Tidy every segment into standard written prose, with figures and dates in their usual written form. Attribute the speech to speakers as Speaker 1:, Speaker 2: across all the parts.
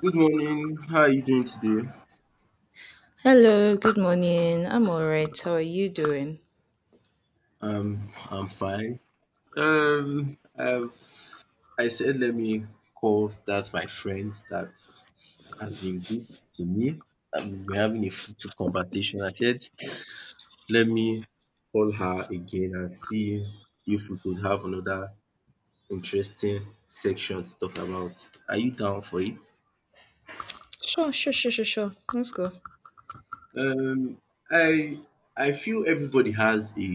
Speaker 1: Good morning. How are you doing today?
Speaker 2: Hello, good morning. I'm all right. How are you doing?
Speaker 1: I'm fine. Um, I've I said let me call that my friend that has been good to me. We're having a fruitful conversation. I said let me call her again and see if we could have another interesting section to talk about. Are you down for it?
Speaker 2: Sure, sure, sure, sure, sure. Let's go.
Speaker 1: Um, I I feel everybody has a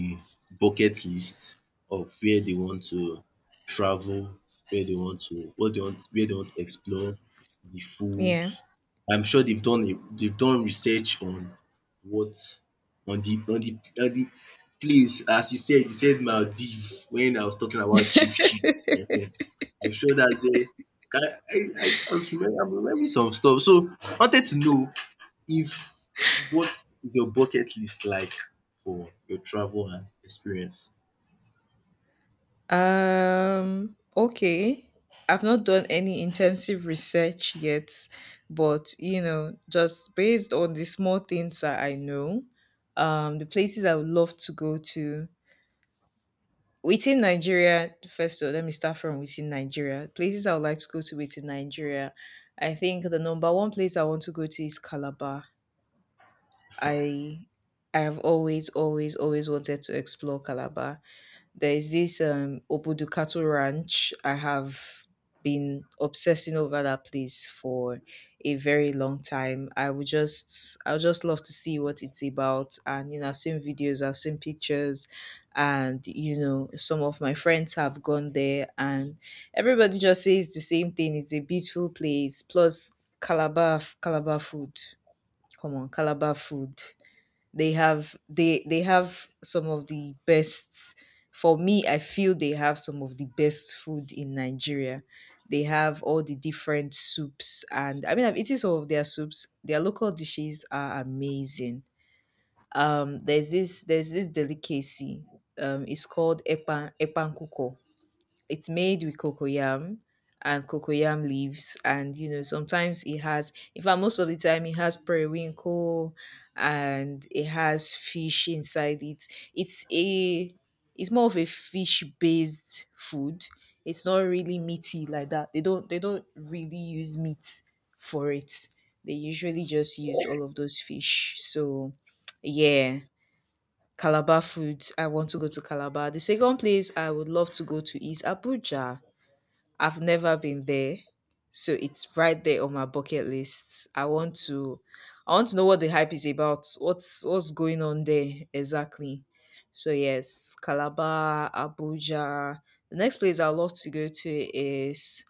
Speaker 1: bucket list of where they want to travel, where they want to, what they want, where they want to explore, the food.
Speaker 2: Yeah.
Speaker 1: I'm sure they've done research on what on the place. As you said Maldives when I was talking about chief chief. I'm sure that's a. I, I'm remembering some stuff. So I wanted to know if what is your bucket list like for your travel and experience?
Speaker 2: Um, okay. I've not done any intensive research yet, but you know, just based on the small things that I know, the places I would love to go to within Nigeria, first of all, let me start from within Nigeria. Places I would like to go to within Nigeria. I think the number one place I want to go to is Calabar. I I have always, always, always wanted to explore Calabar. There is this Obudukatu Ranch. I have been obsessing over that place for a very long time. I would just love to see what it's about. And you know, I've seen videos, I've seen pictures, and you know, some of my friends have gone there and everybody just says the same thing. It's a beautiful place. Plus Calabar food. Come on, Calabar food, they have some of the best, for me, I feel they have some of the best food in Nigeria. They have all the different soups, and I mean I've eaten some of their soups. Their local dishes are amazing. There's this delicacy, it's called epankuko. It's made with cocoyam and cocoyam leaves, and you know, sometimes it has, in fact most of the time it has periwinkle, and it has fish inside it. it's a it's more of a fish based food. It's not really meaty like that. They don't really use meat for it. They usually just use all of those fish. So yeah, Calabar food. I want to go to Calabar. The second place I would love to go to is Abuja. I've never been there, so it's right there on my bucket list. I want to know what the hype is about. What's going on there exactly? So yes, Calabar, Abuja. The next place I'd love to go to is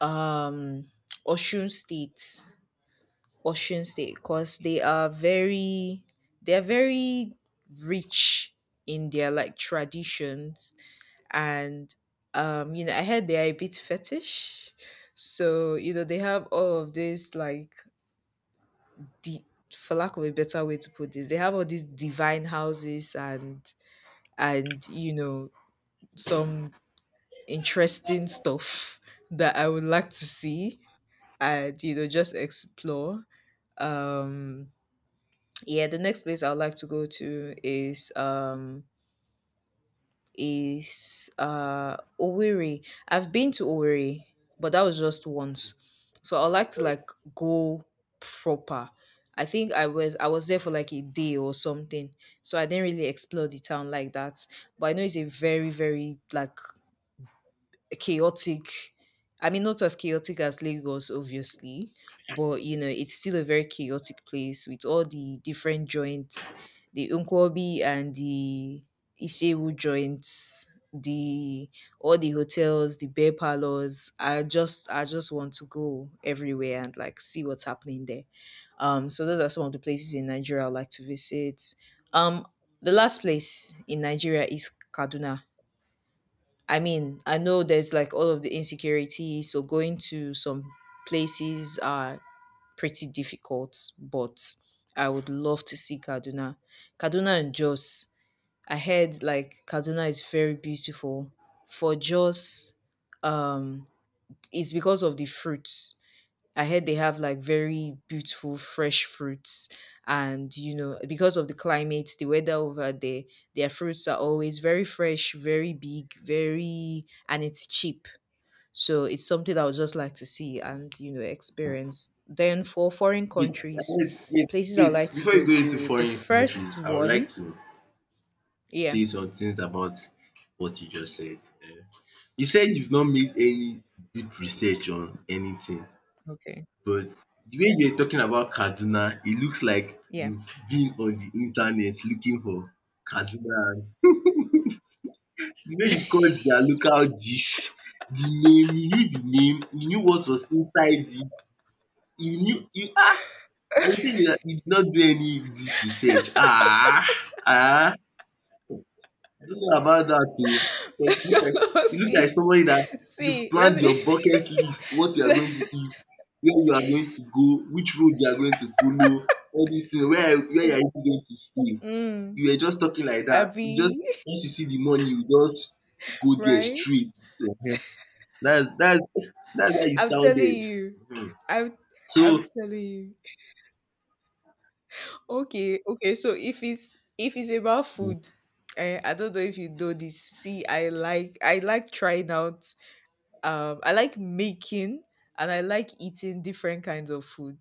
Speaker 2: um Osun State. Osun State, because they are very rich in their like traditions, and you know, I heard they are a bit fetish. So you know, they have all of this, like, the for lack of a better way to put this, they have all these divine houses, and you know, some interesting stuff that I would like to see and you know, just explore. um yeah the next place I would like to go to is Owerri. I've been to Owerri, but that was just once. So I'd like to like go proper. I think I was there for like a day or something. So I didn't really explore the town like that. But I know it's a very, very like chaotic. I mean, not as chaotic as Lagos, obviously, but you know, it's still a very chaotic place with all the different joints, the Nkwobi and the Isewu joints, the all the hotels, the bear parlors. I just want to go everywhere and like see what's happening there. So those are some of the places in Nigeria I would like to visit. Um, the last place in Nigeria is Kaduna. I mean, I know there's like all of the insecurity, so going to some places are pretty difficult, but I would love to see Kaduna. Kaduna and Jos. I heard like Kaduna is very beautiful. For Jos, um, it's because of the fruits. I heard they have like very beautiful fresh fruits. And you know, because of the climate, the weather over there, their fruits are always very fresh, very big, very, and it's cheap. So it's something I would just like to see and you know, experience. Then for foreign
Speaker 1: Wait,
Speaker 2: countries,
Speaker 1: wait, wait,
Speaker 2: places I
Speaker 1: wait.
Speaker 2: would like to
Speaker 1: Before
Speaker 2: go
Speaker 1: you go into
Speaker 2: to, the
Speaker 1: foreign
Speaker 2: first
Speaker 1: countries, I would like
Speaker 2: one,
Speaker 1: to
Speaker 2: yeah,
Speaker 1: say some things about what you just said. You said you've not made any deep research on anything,
Speaker 2: okay,
Speaker 1: but the way you're talking about Kaduna, it looks like
Speaker 2: yeah.
Speaker 1: you've been on the internet looking for Kaduna, and the way you called their local dish, the name, you knew the name, you knew what was inside the You knew you are you saying you did not do any deep research? Ah, ah, I don't know about that too. You look like
Speaker 2: see,
Speaker 1: somebody that you've
Speaker 2: see,
Speaker 1: planned your bucket list, what you are going to eat, where you are going to go, which road you are going to follow, all these things, where you
Speaker 2: yeah,
Speaker 1: are even going to stay.
Speaker 2: mm,
Speaker 1: You were just talking like that. You just
Speaker 2: Abby,
Speaker 1: Once you see the money, you just go there
Speaker 2: right?
Speaker 1: straight. Ehen. That's that's that's how you
Speaker 2: I'm telling
Speaker 1: sounded.
Speaker 2: you.
Speaker 1: Mhm.
Speaker 2: I'm I'm
Speaker 1: So
Speaker 2: telling you. Okay, okay. So if it's about food, eh, I don't know if you know this. See, I like trying out. I like making and I like eating different kinds of food.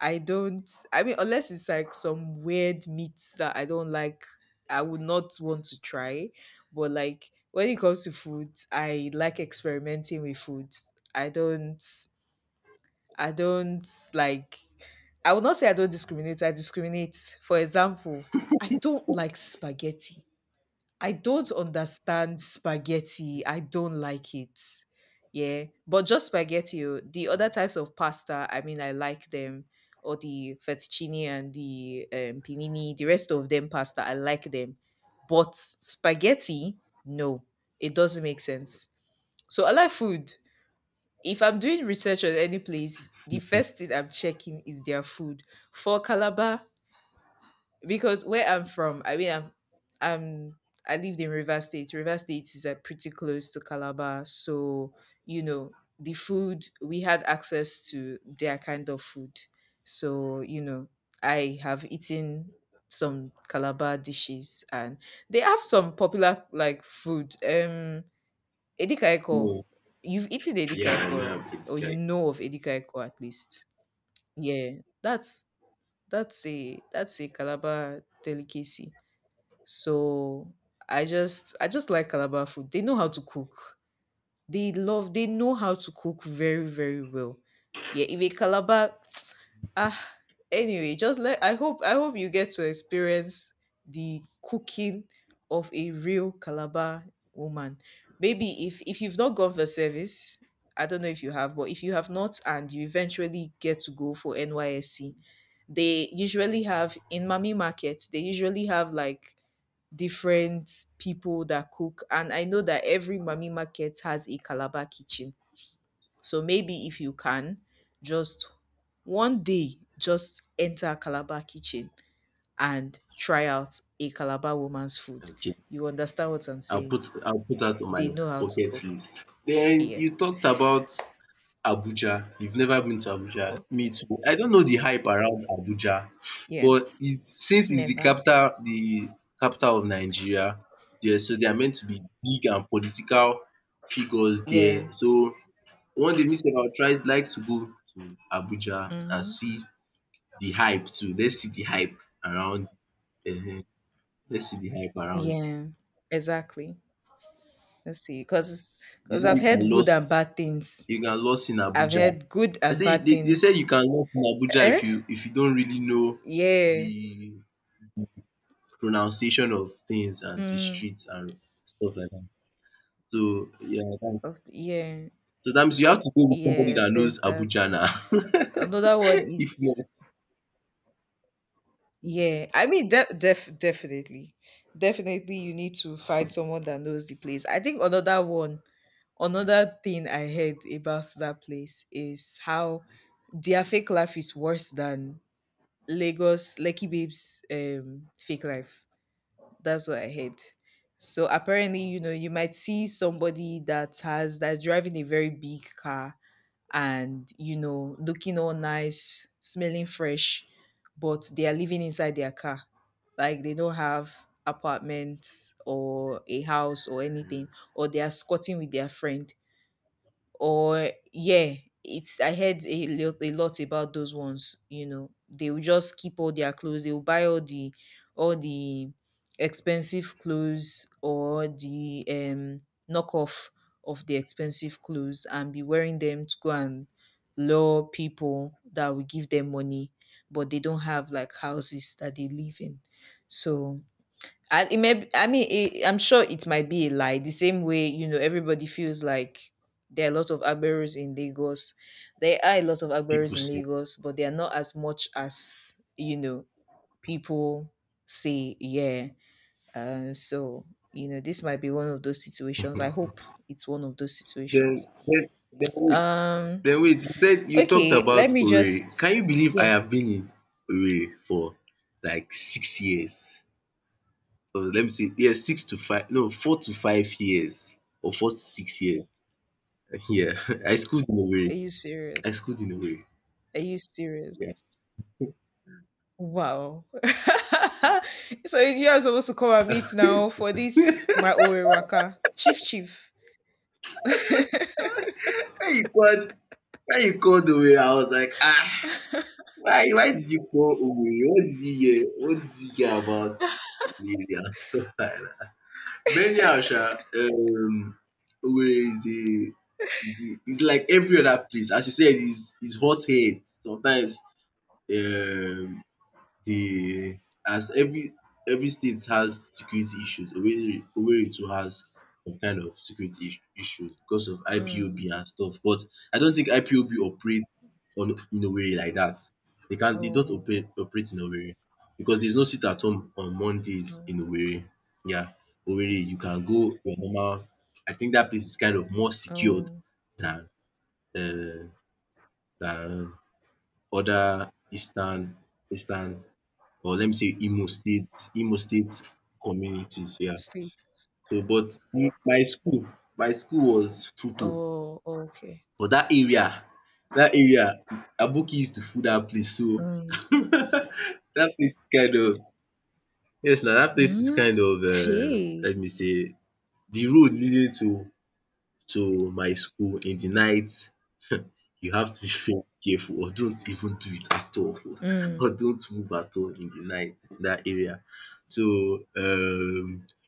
Speaker 2: I don't. I mean, unless it's like some weird meats that I don't like, I would not want to try. But like when it comes to food, I like experimenting with food. I don't. I don't like I would not say I don't discriminate, I discriminate. For example, I don't like spaghetti. I don't understand spaghetti. I don't like it. Yeah. But just spaghetti, oh, the other types of pasta, I mean I like them. Or the fettuccine and the panini, the rest of them pasta, I like them. But spaghetti, no, it doesn't make sense. So I like food. If I'm doing research on any place, the first thing I'm checking is their food. For Calabar, because where I'm from, I mean, I'm I lived in River State. River State is pretty close to Calabar, so you know the food we had access to, their kind of food. So you know, I have eaten some Calabar dishes, and they have some popular like food. Edikaiko.
Speaker 1: no,
Speaker 2: You've eaten
Speaker 1: yeah, I
Speaker 2: Edikaiko,
Speaker 1: know.
Speaker 2: right? Or you know of Edikaiko at least. Yeah, that's a Calabar delicacy. So I just like Calabar food. They know how to cook. They love, they know how to cook very, very well. Yeah, if a Calabar, ah, anyway, just let, I hope you get to experience the cooking of a real Calabar woman. Maybe if you've not gone for service, I don't know if you have, but if you have not and you eventually get to go for NYSC, they usually have in Mami Market, they usually have like different people that cook. And I know that every mommy market has a Calabar kitchen. So maybe if you can, just one day, just enter a Calabar kitchen and try out a Calabar woman's food.
Speaker 1: Okay,
Speaker 2: You understand what I'm saying?
Speaker 1: I'll put that on my
Speaker 2: They know how to
Speaker 1: bucket
Speaker 2: cook.
Speaker 1: list. Then
Speaker 2: Yeah.
Speaker 1: you talked about Abuja. You've never been to Abuja. Me
Speaker 2: Okay.
Speaker 1: too. I don't know the hype around Abuja,
Speaker 2: Yeah.
Speaker 1: but since it's the
Speaker 2: Never.
Speaker 1: capital, the capital of Nigeria, yeah, so they are meant to be big and political figures
Speaker 2: Yeah.
Speaker 1: there. So one day, me sef, I'll try like to go to Abuja and
Speaker 2: Mm-hmm.
Speaker 1: see the hype too. Let's see the hype around. um Let's see the hype around.
Speaker 2: Yeah. Exactly. Let's see. Because
Speaker 1: This is
Speaker 2: I've
Speaker 1: a
Speaker 2: heard good and
Speaker 1: lost.
Speaker 2: bad things.
Speaker 1: You can lose in
Speaker 2: I've
Speaker 1: Abuja.
Speaker 2: heard good
Speaker 1: I
Speaker 2: and
Speaker 1: say
Speaker 2: bad
Speaker 1: they
Speaker 2: things.
Speaker 1: said you can lose in Abuja
Speaker 2: Eh.
Speaker 1: if you don't really know
Speaker 2: Yeah.
Speaker 1: the pronunciation of things and the
Speaker 2: Mm.
Speaker 1: streets and stuff like that. So yeah, that
Speaker 2: Of the- yeah.
Speaker 1: so that means you have to go with somebody
Speaker 2: Yeah,
Speaker 1: that knows
Speaker 2: there's that.
Speaker 1: Abuja now.
Speaker 2: Another one is
Speaker 1: If not,
Speaker 2: yeah. I mean definitely. Definitely you need to find someone that knows the place. I think another one, another thing I heard about that place is how their fake life is worse than Lagos Lucky Babes fake life. That's what I heard. So apparently, you know, you might see somebody that has that's driving a very big car and you know, looking all nice, smelling fresh, but they are living inside their car, like they don't have apartments or a house or anything, or they are squatting with their friend, or yeah, it's, I heard a lot about those ones. You know, they will just keep all their clothes, they will buy all the, all the expensive clothes or the knockoff of the expensive clothes and be wearing them to go and lure people that will give them money, but they don't have like houses that they live in. So and I mean, it, I'm sure it might be a lie. The same way, you know, everybody feels like there are a lot of Agberos in Lagos. There are a lot of Agberos
Speaker 1: people
Speaker 2: in
Speaker 1: say.
Speaker 2: Lagos, but they are not as much as, you know, people say, yeah. So you know, this might be one of those situations. I hope it's one of those
Speaker 1: Then
Speaker 2: situations.
Speaker 1: then then wait
Speaker 2: Um,
Speaker 1: then wait, you said you talked
Speaker 2: okay,
Speaker 1: about Owerri. Can you believe I
Speaker 2: yeah.
Speaker 1: have been in Owerri for like 6 years? Oh, let me see. Yeah, 6 to 5, no, 4 to 5 years, or 4 to 6 years. Yeah, I schooled in a
Speaker 2: Are
Speaker 1: way.
Speaker 2: you
Speaker 1: I
Speaker 2: serious?
Speaker 1: schooled in a way.
Speaker 2: Are you serious?
Speaker 1: Yeah.
Speaker 2: Wow. so you are supposed to come and meet now for this my Orewaka. Chief Chief.
Speaker 1: When you called when you called Owerri, I was like, "Ah, why did you call Owerri? What did you hear? What did you hear about Owerri and stuff like that?" But anyhow, um, Owerri is a, is like every other place. As you said, is hot head. Sometimes, um the as every state has security issues. Owerri too has some kind of issues because of
Speaker 2: mm.
Speaker 1: IPOB and stuff. But I don't think IPOB operate on in Owerri like that.
Speaker 2: Oh,
Speaker 1: They don't
Speaker 2: oh,
Speaker 1: operate in Owerri because there's no sit at home on Mondays in
Speaker 2: okay.
Speaker 1: Owerri. Yeah. Owerri, you can go your normal. I think that place is kind of more secured
Speaker 2: Oh,
Speaker 1: than uh, than other eastern, or let me say, Imo State communities, yeah.
Speaker 2: sleep.
Speaker 1: So, my school was Futo,
Speaker 2: Oh, okay.
Speaker 1: but dat area, dat area Aboki used to full dat place, so
Speaker 2: Mm.
Speaker 1: dat place is kind of, yes, na dat place is
Speaker 2: Mm.
Speaker 1: kind of,
Speaker 2: Hey.
Speaker 1: let me say, de road leading to my school in de night. You have to be very careful, or don't even do it at all, or
Speaker 2: Mm.
Speaker 1: don't move at all in the night in that area. So,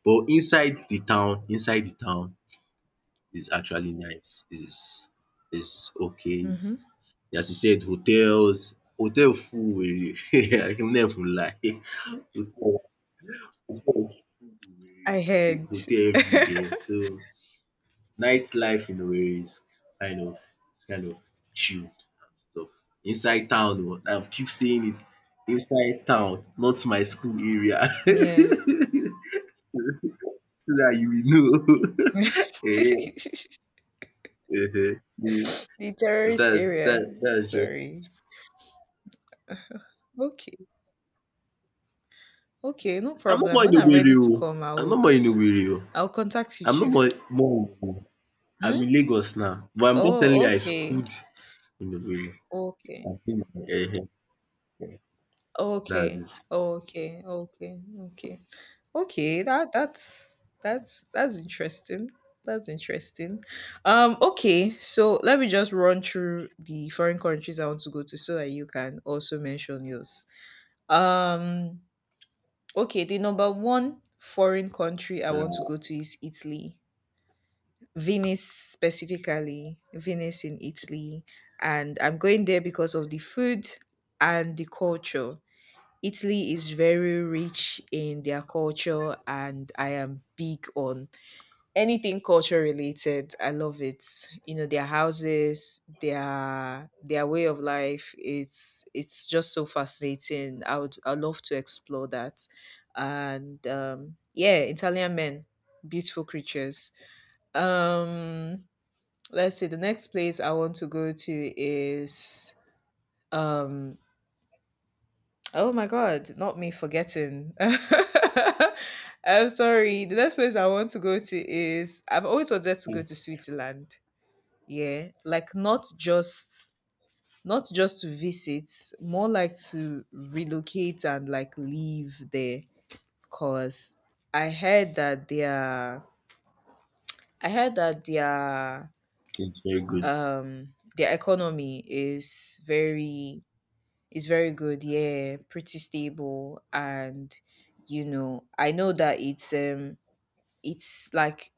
Speaker 1: but inside the town is actually nice. Is okay. Is,
Speaker 2: Mm-hmm.
Speaker 1: as you said, hotel full were. I can never lie. Hotel hotel full
Speaker 2: I
Speaker 1: were,
Speaker 2: heard.
Speaker 1: hotel everywhere, so nightlife in Owerri is kind of, is kind of chilled and stuff. Inside town oo, I keep saying it, inside town, not my school area. So
Speaker 2: Yeah.
Speaker 1: that you
Speaker 2: the
Speaker 1: will know. um um
Speaker 2: terrorist area.
Speaker 1: dats just,
Speaker 2: Sorry. Okay. Okay, no
Speaker 1: I'm not
Speaker 2: problem.
Speaker 1: more in
Speaker 2: When I'm
Speaker 1: Owerri
Speaker 2: ready to
Speaker 1: oo,
Speaker 2: come, I
Speaker 1: I'm not
Speaker 2: would,
Speaker 1: more in Owerri oo,
Speaker 2: I'll contact you,
Speaker 1: I'm not
Speaker 2: Chief.
Speaker 1: more more I'm
Speaker 2: Mm?
Speaker 1: in Lagos now, but I'm just telling
Speaker 2: Oh,
Speaker 1: you I
Speaker 2: okay.
Speaker 1: schooled in
Speaker 2: Okay.
Speaker 1: Owerri. um Dats
Speaker 2: Okay.
Speaker 1: it.
Speaker 2: Okay. Okay. Okay. Okay. That's interesting. That's interesting. Okay, so let me just run through the foreign countries I want to go to so that you can also mention yours. Um, okay, the number one foreign country I want to
Speaker 1: um
Speaker 2: go to is Italy. Venice specifically, Venice in Italy, and I'm going there because of the food and the culture. Italy is very rich in their culture, and I am big on anything culture related. I love it. You know, their houses, their way of life. It's just so fascinating. I would I love to explore that, and yeah, Italian men, beautiful creatures. Um, let's see, the next place I want to go to is. Um oh my God, not me forgetting. I'm sorry, the next place I want to go to is, I've always wanted to go to Switzerland. Yeah, like not just to visit, more like to relocate and like live there because I heard that their i heard that their
Speaker 1: it's very good
Speaker 2: economy is very. It's very good, yeah, pretty stable. And I know that it's like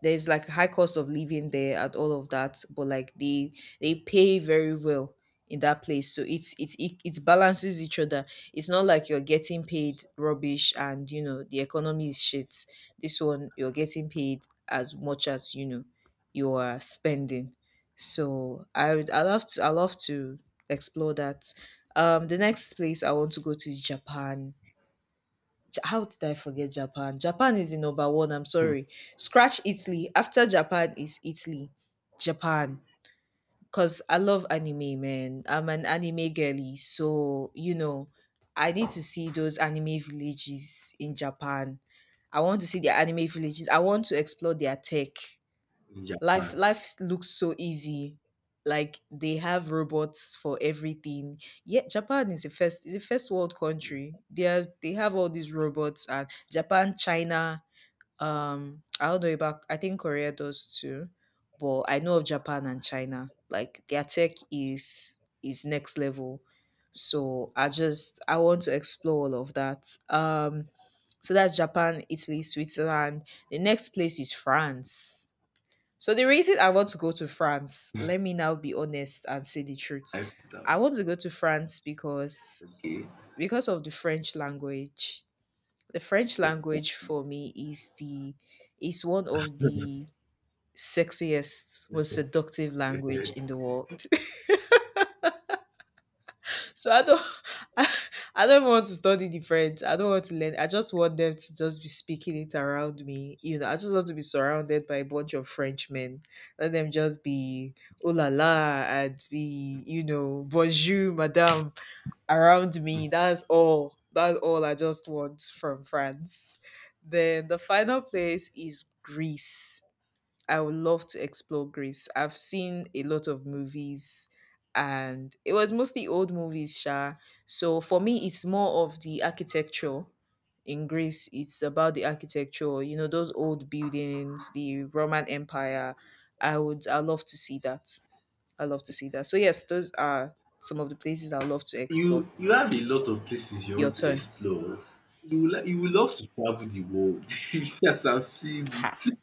Speaker 2: there's like a high cost of living there and all of that, but like they pay very well in that place, so it balances each other. It's not like you're getting paid rubbish and the economy is shit. This one you're getting paid as much as you are spending. So I love to explore that. The next place I want to go to is Japan. How did I forget Japan? Japan is the number one. I'm sorry. Scratch Italy. After Japan is Italy. Japan. Because I love anime, man. I'm an anime girly. So, I need to see those anime villages in Japan. I want to see their anime villages. I want to explore their tech
Speaker 1: in
Speaker 2: life
Speaker 1: Japan.
Speaker 2: Life looks so easy, like they have robots for everything. Yeah, Japan is the first world country. They have all these robots, and Japan, China, I don't know about, I think Korea does too, but I know of Japan and China, like their tech is next level. So I want to explore all of that. So that's Japan, Italy, Switzerland. The next place is France. So the reason I want to go to France, let me now be honest and say the truth. I
Speaker 1: Africa,
Speaker 2: want to go to France because
Speaker 1: okay.
Speaker 2: of the French language. The French language for me is one of the sexiest, most seductive language in the world. So I don't. I, I don't want to study the French. I don't want to learn. I just want them to just be speaking it around me. I just want to be surrounded by a bunch of Frenchmen. Let them just be oh la la and be, bonjour, madame around me. That's all. That's all I just want from France. Then the final place is Greece. I would love to explore Greece. I've seen a lot of movies, and it was mostly old movies, Sha. So for me it's more of the architecture in Greece. It's about the architecture, those old buildings, the Roman Empire. I love to see that. I love to see that. So yes, those are some of the places I love to explore.
Speaker 1: You have a lot of places you
Speaker 2: Your
Speaker 1: want to
Speaker 2: turn.
Speaker 1: explore. You will, like, you will love to travel the world as I'm seeing
Speaker 2: Ha.
Speaker 1: it.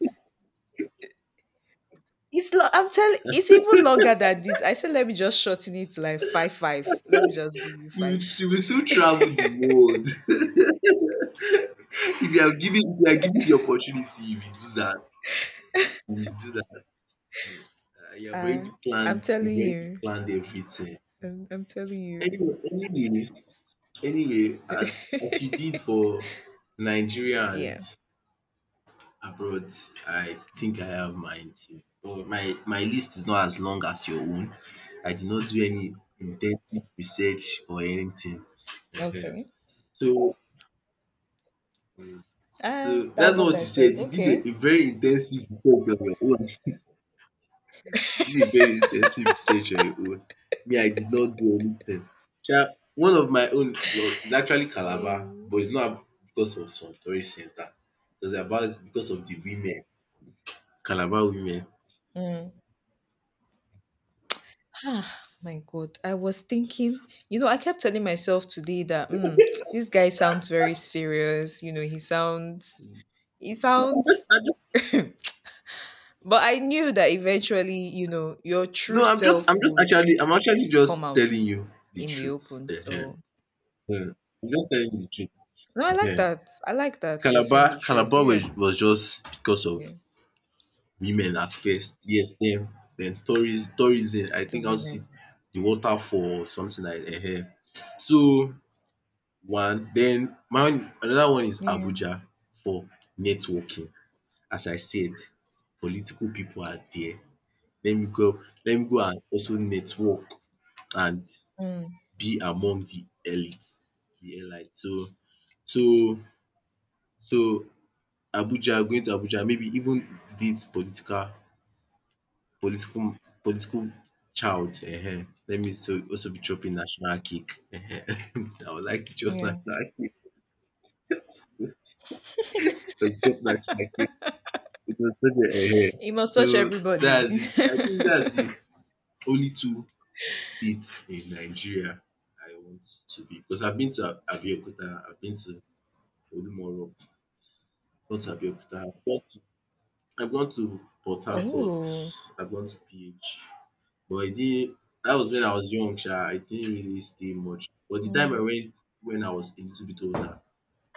Speaker 2: I'm telling, it's even longer than this. I said let me just shorten it to like five. Let me just give you
Speaker 1: You will
Speaker 2: five.
Speaker 1: you will soon travel the world. If you are given the opportunity, you will do that. You will do that.
Speaker 2: I I'm
Speaker 1: You've
Speaker 2: telling
Speaker 1: already
Speaker 2: you.
Speaker 1: planned everything.
Speaker 2: I'm telling you.
Speaker 1: Anyway, as you did for Nigeria and
Speaker 2: Yeah.
Speaker 1: abroad, I think I have mine too. But my list is not as long as your own. I did not do any intensive research or anything. Ehen.
Speaker 2: Okay.
Speaker 1: So,
Speaker 2: Ah, that was
Speaker 1: that's not
Speaker 2: what
Speaker 1: what
Speaker 2: I
Speaker 1: you
Speaker 2: said.
Speaker 1: said. You did
Speaker 2: Okay.
Speaker 1: a very intensive research on your own. You did a very intensive research on your own. Me, I did not do anything. Sha, one of my own, well, is actually Calabar,
Speaker 2: Hey.
Speaker 1: but it's not because of some tourist center. It was about because of the women, Calabar women.
Speaker 2: Mm. Ah, my God. I was thinking, I kept telling myself today that this guy sounds very serious. He sounds, but I knew that eventually, your
Speaker 1: No,
Speaker 2: true self would
Speaker 1: I'm actually
Speaker 2: come
Speaker 1: just
Speaker 2: out
Speaker 1: telling you the
Speaker 2: in the
Speaker 1: truth.
Speaker 2: open.
Speaker 1: Ehen,
Speaker 2: So,
Speaker 1: ehen. I'm just telling you the truth.
Speaker 2: no, I like
Speaker 1: Ehen.
Speaker 2: that. I like that you're
Speaker 1: Calabar
Speaker 2: saying the truth.
Speaker 1: Calabar
Speaker 2: Yeah.
Speaker 1: was, just because of
Speaker 2: Yeah.
Speaker 1: women at first. Yes, then, tourism. I
Speaker 2: The
Speaker 1: think I'll see
Speaker 2: women.
Speaker 1: the waterfall or something like, ehen. So one, then my another one is
Speaker 2: Yeah.
Speaker 1: Abuja for networking. As I said, political people are there. Let me go and also network, and
Speaker 2: Mm,
Speaker 1: be among the elite. So, so so Abuja, going to Abuja, maybe even date political political child, let me so also be chopping national cake, I would like to chop
Speaker 2: yeah.
Speaker 1: national cake. Chop national cake. It was such a,
Speaker 2: It must touch
Speaker 1: So
Speaker 2: everybody.
Speaker 1: that's it. I think that's the only two states in Nigeria I want to be, because I've been to Ab- Abeokuta, I've been to Olumoro, gone to Abeokuta, I've gone to Port Harcourt.
Speaker 2: Oh.
Speaker 1: I've gone to PH, but I didn't. That was when I was young, sha. I didn't really stay much. But the time I
Speaker 2: Mm.
Speaker 1: went when I was a little bit older,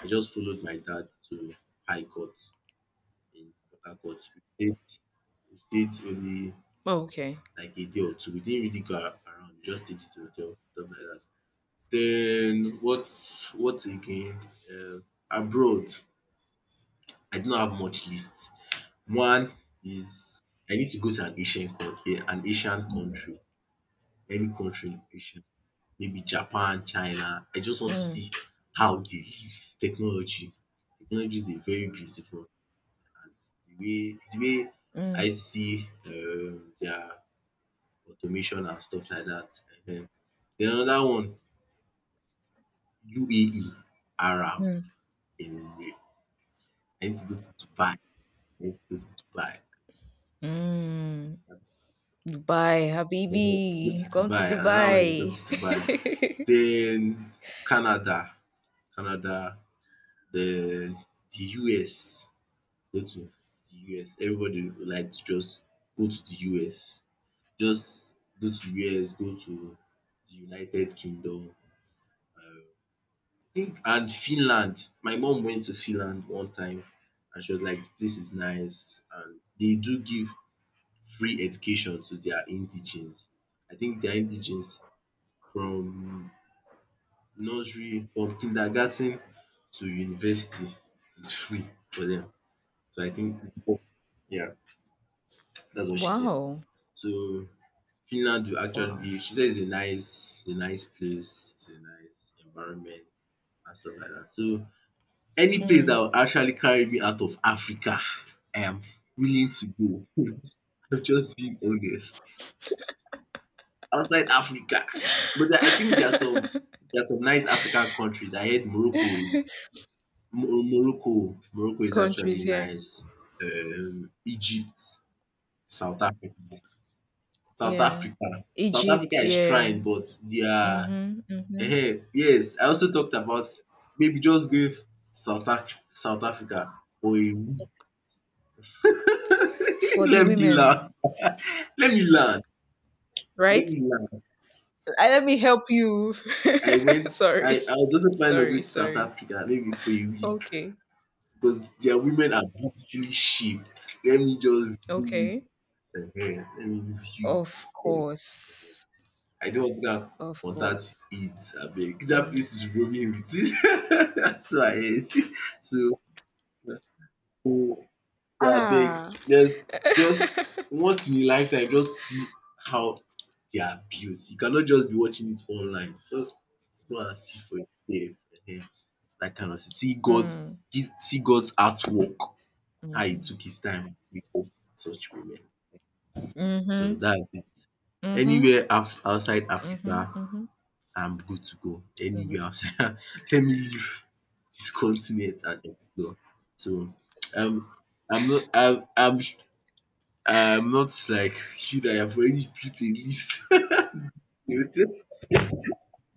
Speaker 1: I just followed my dad to High Court in Port Harcourt. We stayed, we stayed only
Speaker 2: Okay.
Speaker 1: like a day or two. We didn't really go around. We just stayed at the hotel, stuff like that. Then what? What again? Uh, abroad, I did not have much list. One is, I need to go to an Asian country, any country in Asia, maybe Japan, China. I just want to
Speaker 2: Mm,
Speaker 1: see how they live. Technology is a very beautiful one. The way
Speaker 2: mm,
Speaker 1: I see, their automation and stuff like dat, um. Den another one, UAE, Arab
Speaker 2: mm,
Speaker 1: Emirates. I need to go to Dubai. Need to go to Dubai.
Speaker 2: mm. Dubai,
Speaker 1: Go to
Speaker 2: Habibi. Come to
Speaker 1: Dubai, and one is, go
Speaker 2: Dubai.
Speaker 1: to Dubai. Then Canada, Canada, The the US, go to the US. Everybody would like to just go to the US. Just go to US, go to the United Kingdom. um, think and Finland. My mom went to Finland one time, and she was like, the place is nice, and they do give free education to their indigenes. I think their indigenes, from nursery or kindergarten to university, is free for them. So I think it's important. Yeah, that's what she said.
Speaker 2: Wow.
Speaker 1: So Finland will actually
Speaker 2: Wow.
Speaker 1: be, she said it's a nice, place, it's a nice environment and stuff like that. So any place that
Speaker 2: Mm.
Speaker 1: will actually carry me out of Africa, I am willing to go. I'm just being honest. Outside Africa, but I think there are some, nice African countries. I heard Morocco is, Morocco is actually
Speaker 2: Countries, yeah.
Speaker 1: nice. Egypt, South Africa, South
Speaker 2: Yeah.
Speaker 1: Africa, South Africa
Speaker 2: Egypt,
Speaker 1: is
Speaker 2: yeah.
Speaker 1: trying, but they are,
Speaker 2: Mm-hmm. Mm-hmm.
Speaker 1: eh. Yes, I also talked about maybe just going South Africa for a week.
Speaker 2: For the
Speaker 1: Let me
Speaker 2: women,
Speaker 1: learn. Let me learn. Let
Speaker 2: right?
Speaker 1: me learn.
Speaker 2: Let me help you.
Speaker 1: I went. I
Speaker 2: Sorry.
Speaker 1: I was also planning on
Speaker 2: Sorry,
Speaker 1: going to South
Speaker 2: sorry.
Speaker 1: Africa maybe for a week,
Speaker 2: Okay.
Speaker 1: because their women are beautifully shaped. Let me just
Speaker 2: Okay.
Speaker 1: Ehen, let me just chew
Speaker 2: Of
Speaker 1: it.
Speaker 2: course.
Speaker 1: I don't want to go and
Speaker 2: Of
Speaker 1: contact
Speaker 2: course.
Speaker 1: it, abeg. Dat
Speaker 2: Mm.
Speaker 1: place is roaming with it. That's why. I heard. So, abeg,
Speaker 2: Ah.
Speaker 1: just just once in a lifetime, just see how they are built. You cannot just be watching it online. Just go and see for yourself. Ehen, dat kind of thing. See God,
Speaker 2: Mm.
Speaker 1: see God's artwork, how he
Speaker 2: Mhm.
Speaker 1: took his time to make up such women. So
Speaker 2: Mhm.
Speaker 1: that's it.
Speaker 2: Mhm.
Speaker 1: Anywhere, af outside
Speaker 2: Mhm.
Speaker 1: Africa,
Speaker 2: Mhm.
Speaker 1: I'm good to go anywhere
Speaker 2: Mhm.
Speaker 1: outside. Let me leave this continent and explore. So, um I'm not I'm I'm I'm not like you that have already built a list. You will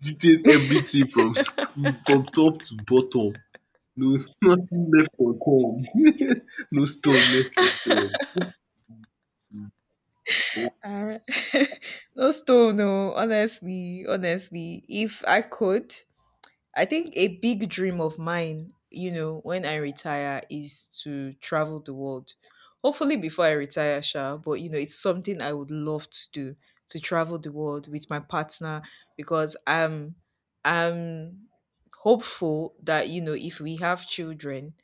Speaker 1: detail everything from top to bottom. No, nothing left unturned. No stone left unturned.
Speaker 2: Uh, no stone, no. Honestly, honestly, if I could, I think a big dream of mine, when I retire, is to travel the world. Hopefully before I retire, Sha, but it's something I would love to do, to travel the world with my partner because I'm hopeful that, if we have children,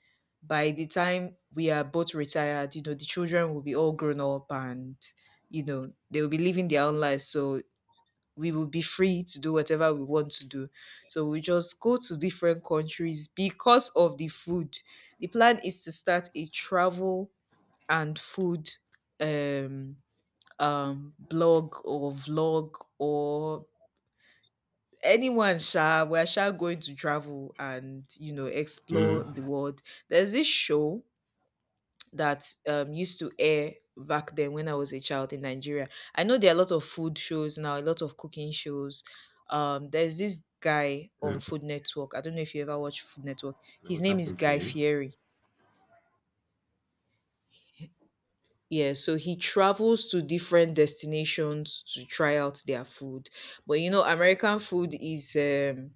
Speaker 2: by the time we are both retired, the children will be all grown up, and they will be living their own lives. So we will be free to do whatever we want to do. So we just go to different countries because of the food. The plan is to start a travel and food um blog or vlog, or anyone shall we are shall going to travel and explore
Speaker 1: Mhm,
Speaker 2: the world. There's this show that used to air back then when I was a child in Nigeria. I know there are a lot of food shows now, a lot of cooking shows. There's this guy on
Speaker 1: mhm.
Speaker 2: Food Network. I don't know if you ever watched Food Network.
Speaker 1: And
Speaker 2: His
Speaker 1: what
Speaker 2: name is
Speaker 1: happened to
Speaker 2: Guy
Speaker 1: him?
Speaker 2: Fieri. Yeah, so he travels to different destinations to try out their food. But American food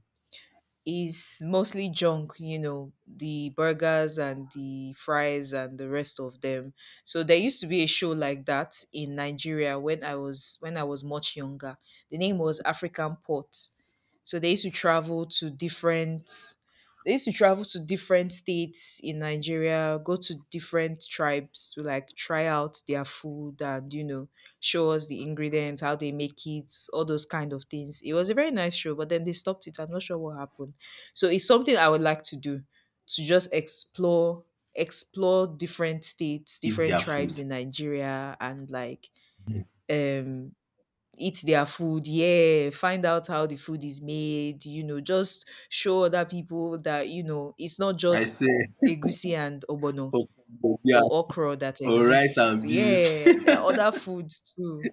Speaker 2: is mostly junk, the burgers and the fries and the rest of them. So there used to be a show like that in Nigeria when I was much younger. The name was African Pot. So they used to travel to different states in Nigeria, go to different tribes to like try out their food, and show us the ingredients, how they make it, all those kind of things. It was a very nice show, but then they stopped it. I'm not sure what happened. So it's something I would like to do, to just explore different states,
Speaker 1: Eat
Speaker 2: different
Speaker 1: their
Speaker 2: tribes
Speaker 1: food.
Speaker 2: in Nigeria and like um eat their food. Yeah, find out how the food is made. Just show other people that it's not
Speaker 1: I
Speaker 2: just
Speaker 1: say,
Speaker 2: egusi and obono
Speaker 1: for, beer,
Speaker 2: or okra that
Speaker 1: or rice
Speaker 2: exists.
Speaker 1: and beans.
Speaker 2: Yeah, there are other foods too,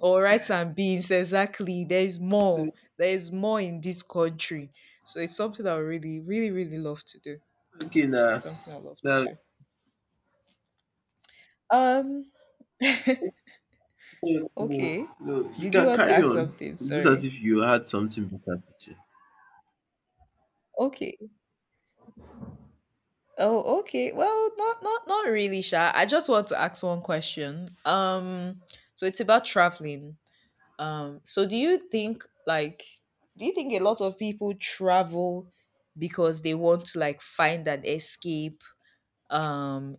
Speaker 2: or rice and beans. Exactly. There is more. There is more in this country. So it's something I really, really, really love to do.
Speaker 1: Okay now.
Speaker 2: Something I love to
Speaker 1: No,
Speaker 2: do. Um.
Speaker 1: no, no,
Speaker 2: Okay.
Speaker 1: no. You
Speaker 2: Did you
Speaker 1: can
Speaker 2: want to
Speaker 1: carry
Speaker 2: ask
Speaker 1: on.
Speaker 2: something?
Speaker 1: It's as
Speaker 2: Sorry.
Speaker 1: if you had something better to say.
Speaker 2: Okay. Oh, okay. Well, not really, Sha. I just want to ask one question. So it's about traveling. So do you think, like, do you think a lot of people travel because they want to like find an escape, um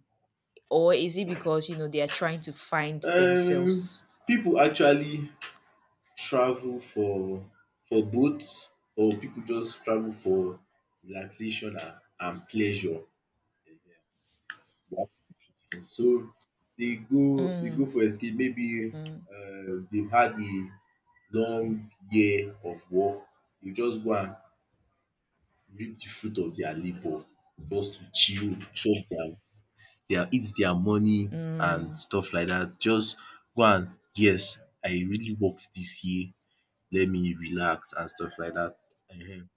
Speaker 2: or is it because they are trying to find
Speaker 1: Um,
Speaker 2: themselves?
Speaker 1: People actually travel for, both, or people just travel for relaxation and, pleasure. So they
Speaker 2: Mm,
Speaker 1: go for escape. Maybe,
Speaker 2: mm,
Speaker 1: they've had a long year of work. You just go and reap the fruit of their labour, just to chill, chop their, eat their money and
Speaker 2: mm,
Speaker 1: stuff like that. Just go and, yes, I really worked this year, let me relax and stuff like that, um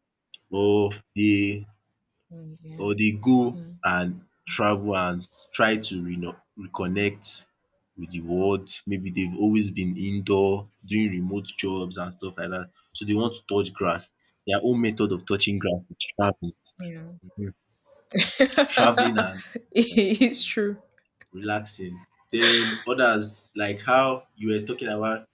Speaker 1: or they,
Speaker 2: mm, yeah.
Speaker 1: or they go
Speaker 2: Mm,
Speaker 1: and travel and try to reconnect with the world. Maybe they've always been indoor doing remote jobs and stuff like that, so they want to touch grass. Their own method of touching grass is traveling,
Speaker 2: yeah.
Speaker 1: um traveling, and
Speaker 2: It's
Speaker 1: um
Speaker 2: true.
Speaker 1: relaxing. Then others, like how you were talking about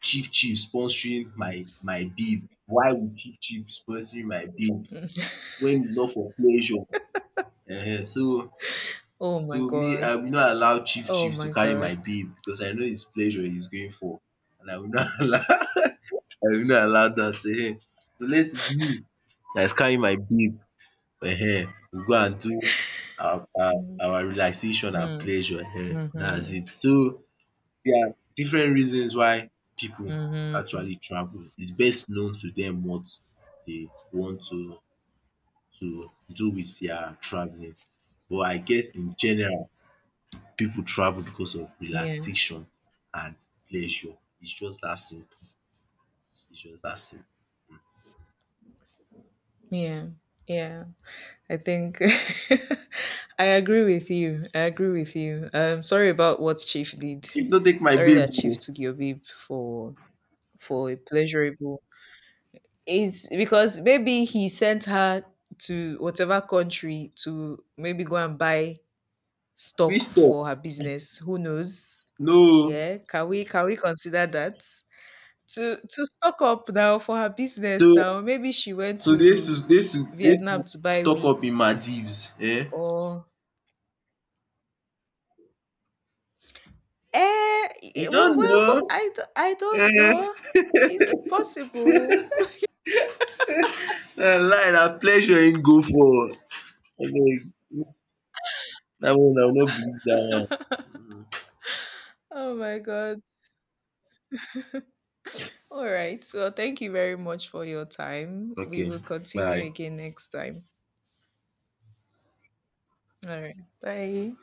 Speaker 1: Chief Chief sponsoring my bib. Why would Chief Chief sponsoring my bib when it's not for pleasure? So,
Speaker 2: Oh my
Speaker 1: me,
Speaker 2: god.
Speaker 1: I will not allow Chief
Speaker 2: Oh
Speaker 1: Chief to
Speaker 2: my
Speaker 1: carry
Speaker 2: god.
Speaker 1: my bib, because I know it's pleasure he's going for, and I will not allow, I will not allow that. So, lets, it's me dat is carrying my bib. We go and do our relaxation and
Speaker 2: Mm,
Speaker 1: pleasure, dats
Speaker 2: mm-hmm,
Speaker 1: it. So there are different reasons why people
Speaker 2: mm-hmm.
Speaker 1: actually travel. It's best known to them what they want to do with their travelling. But I guess in general, people travel because of
Speaker 2: Yeah,
Speaker 1: relaxation and pleasure. It's just that simple. It's just that simple.
Speaker 2: yeah, yeah, I think. I agree with you, I agree with you, sorry about what Chief did.
Speaker 1: If no take my
Speaker 2: Sorry
Speaker 1: babe
Speaker 2: that Chief
Speaker 1: oo."
Speaker 2: took your babe for a pleasurable. It's because maybe he sent her to whatever country to maybe go and buy stock
Speaker 1: "Which talk?"
Speaker 2: for her business. Who knows?
Speaker 1: "No,
Speaker 2: Yeah, can we consider that? To stock up now for her
Speaker 1: so,
Speaker 2: business now. Maybe she went to
Speaker 1: dey use to
Speaker 2: Vietnam to buy
Speaker 1: stock up
Speaker 2: wigs
Speaker 1: in Maldives. Eh?
Speaker 2: or
Speaker 1: You
Speaker 2: well,
Speaker 1: don't
Speaker 2: well,
Speaker 1: know?
Speaker 2: I don't
Speaker 1: Eh?
Speaker 2: know. It's possible.
Speaker 1: Na lie, na pleasure im go for." Okay. That one, I will not believe that one.
Speaker 2: Oh my god. All right. So thank you very much for your time. We
Speaker 1: Okay,
Speaker 2: will continue
Speaker 1: bye.
Speaker 2: again next time. All right. Bye.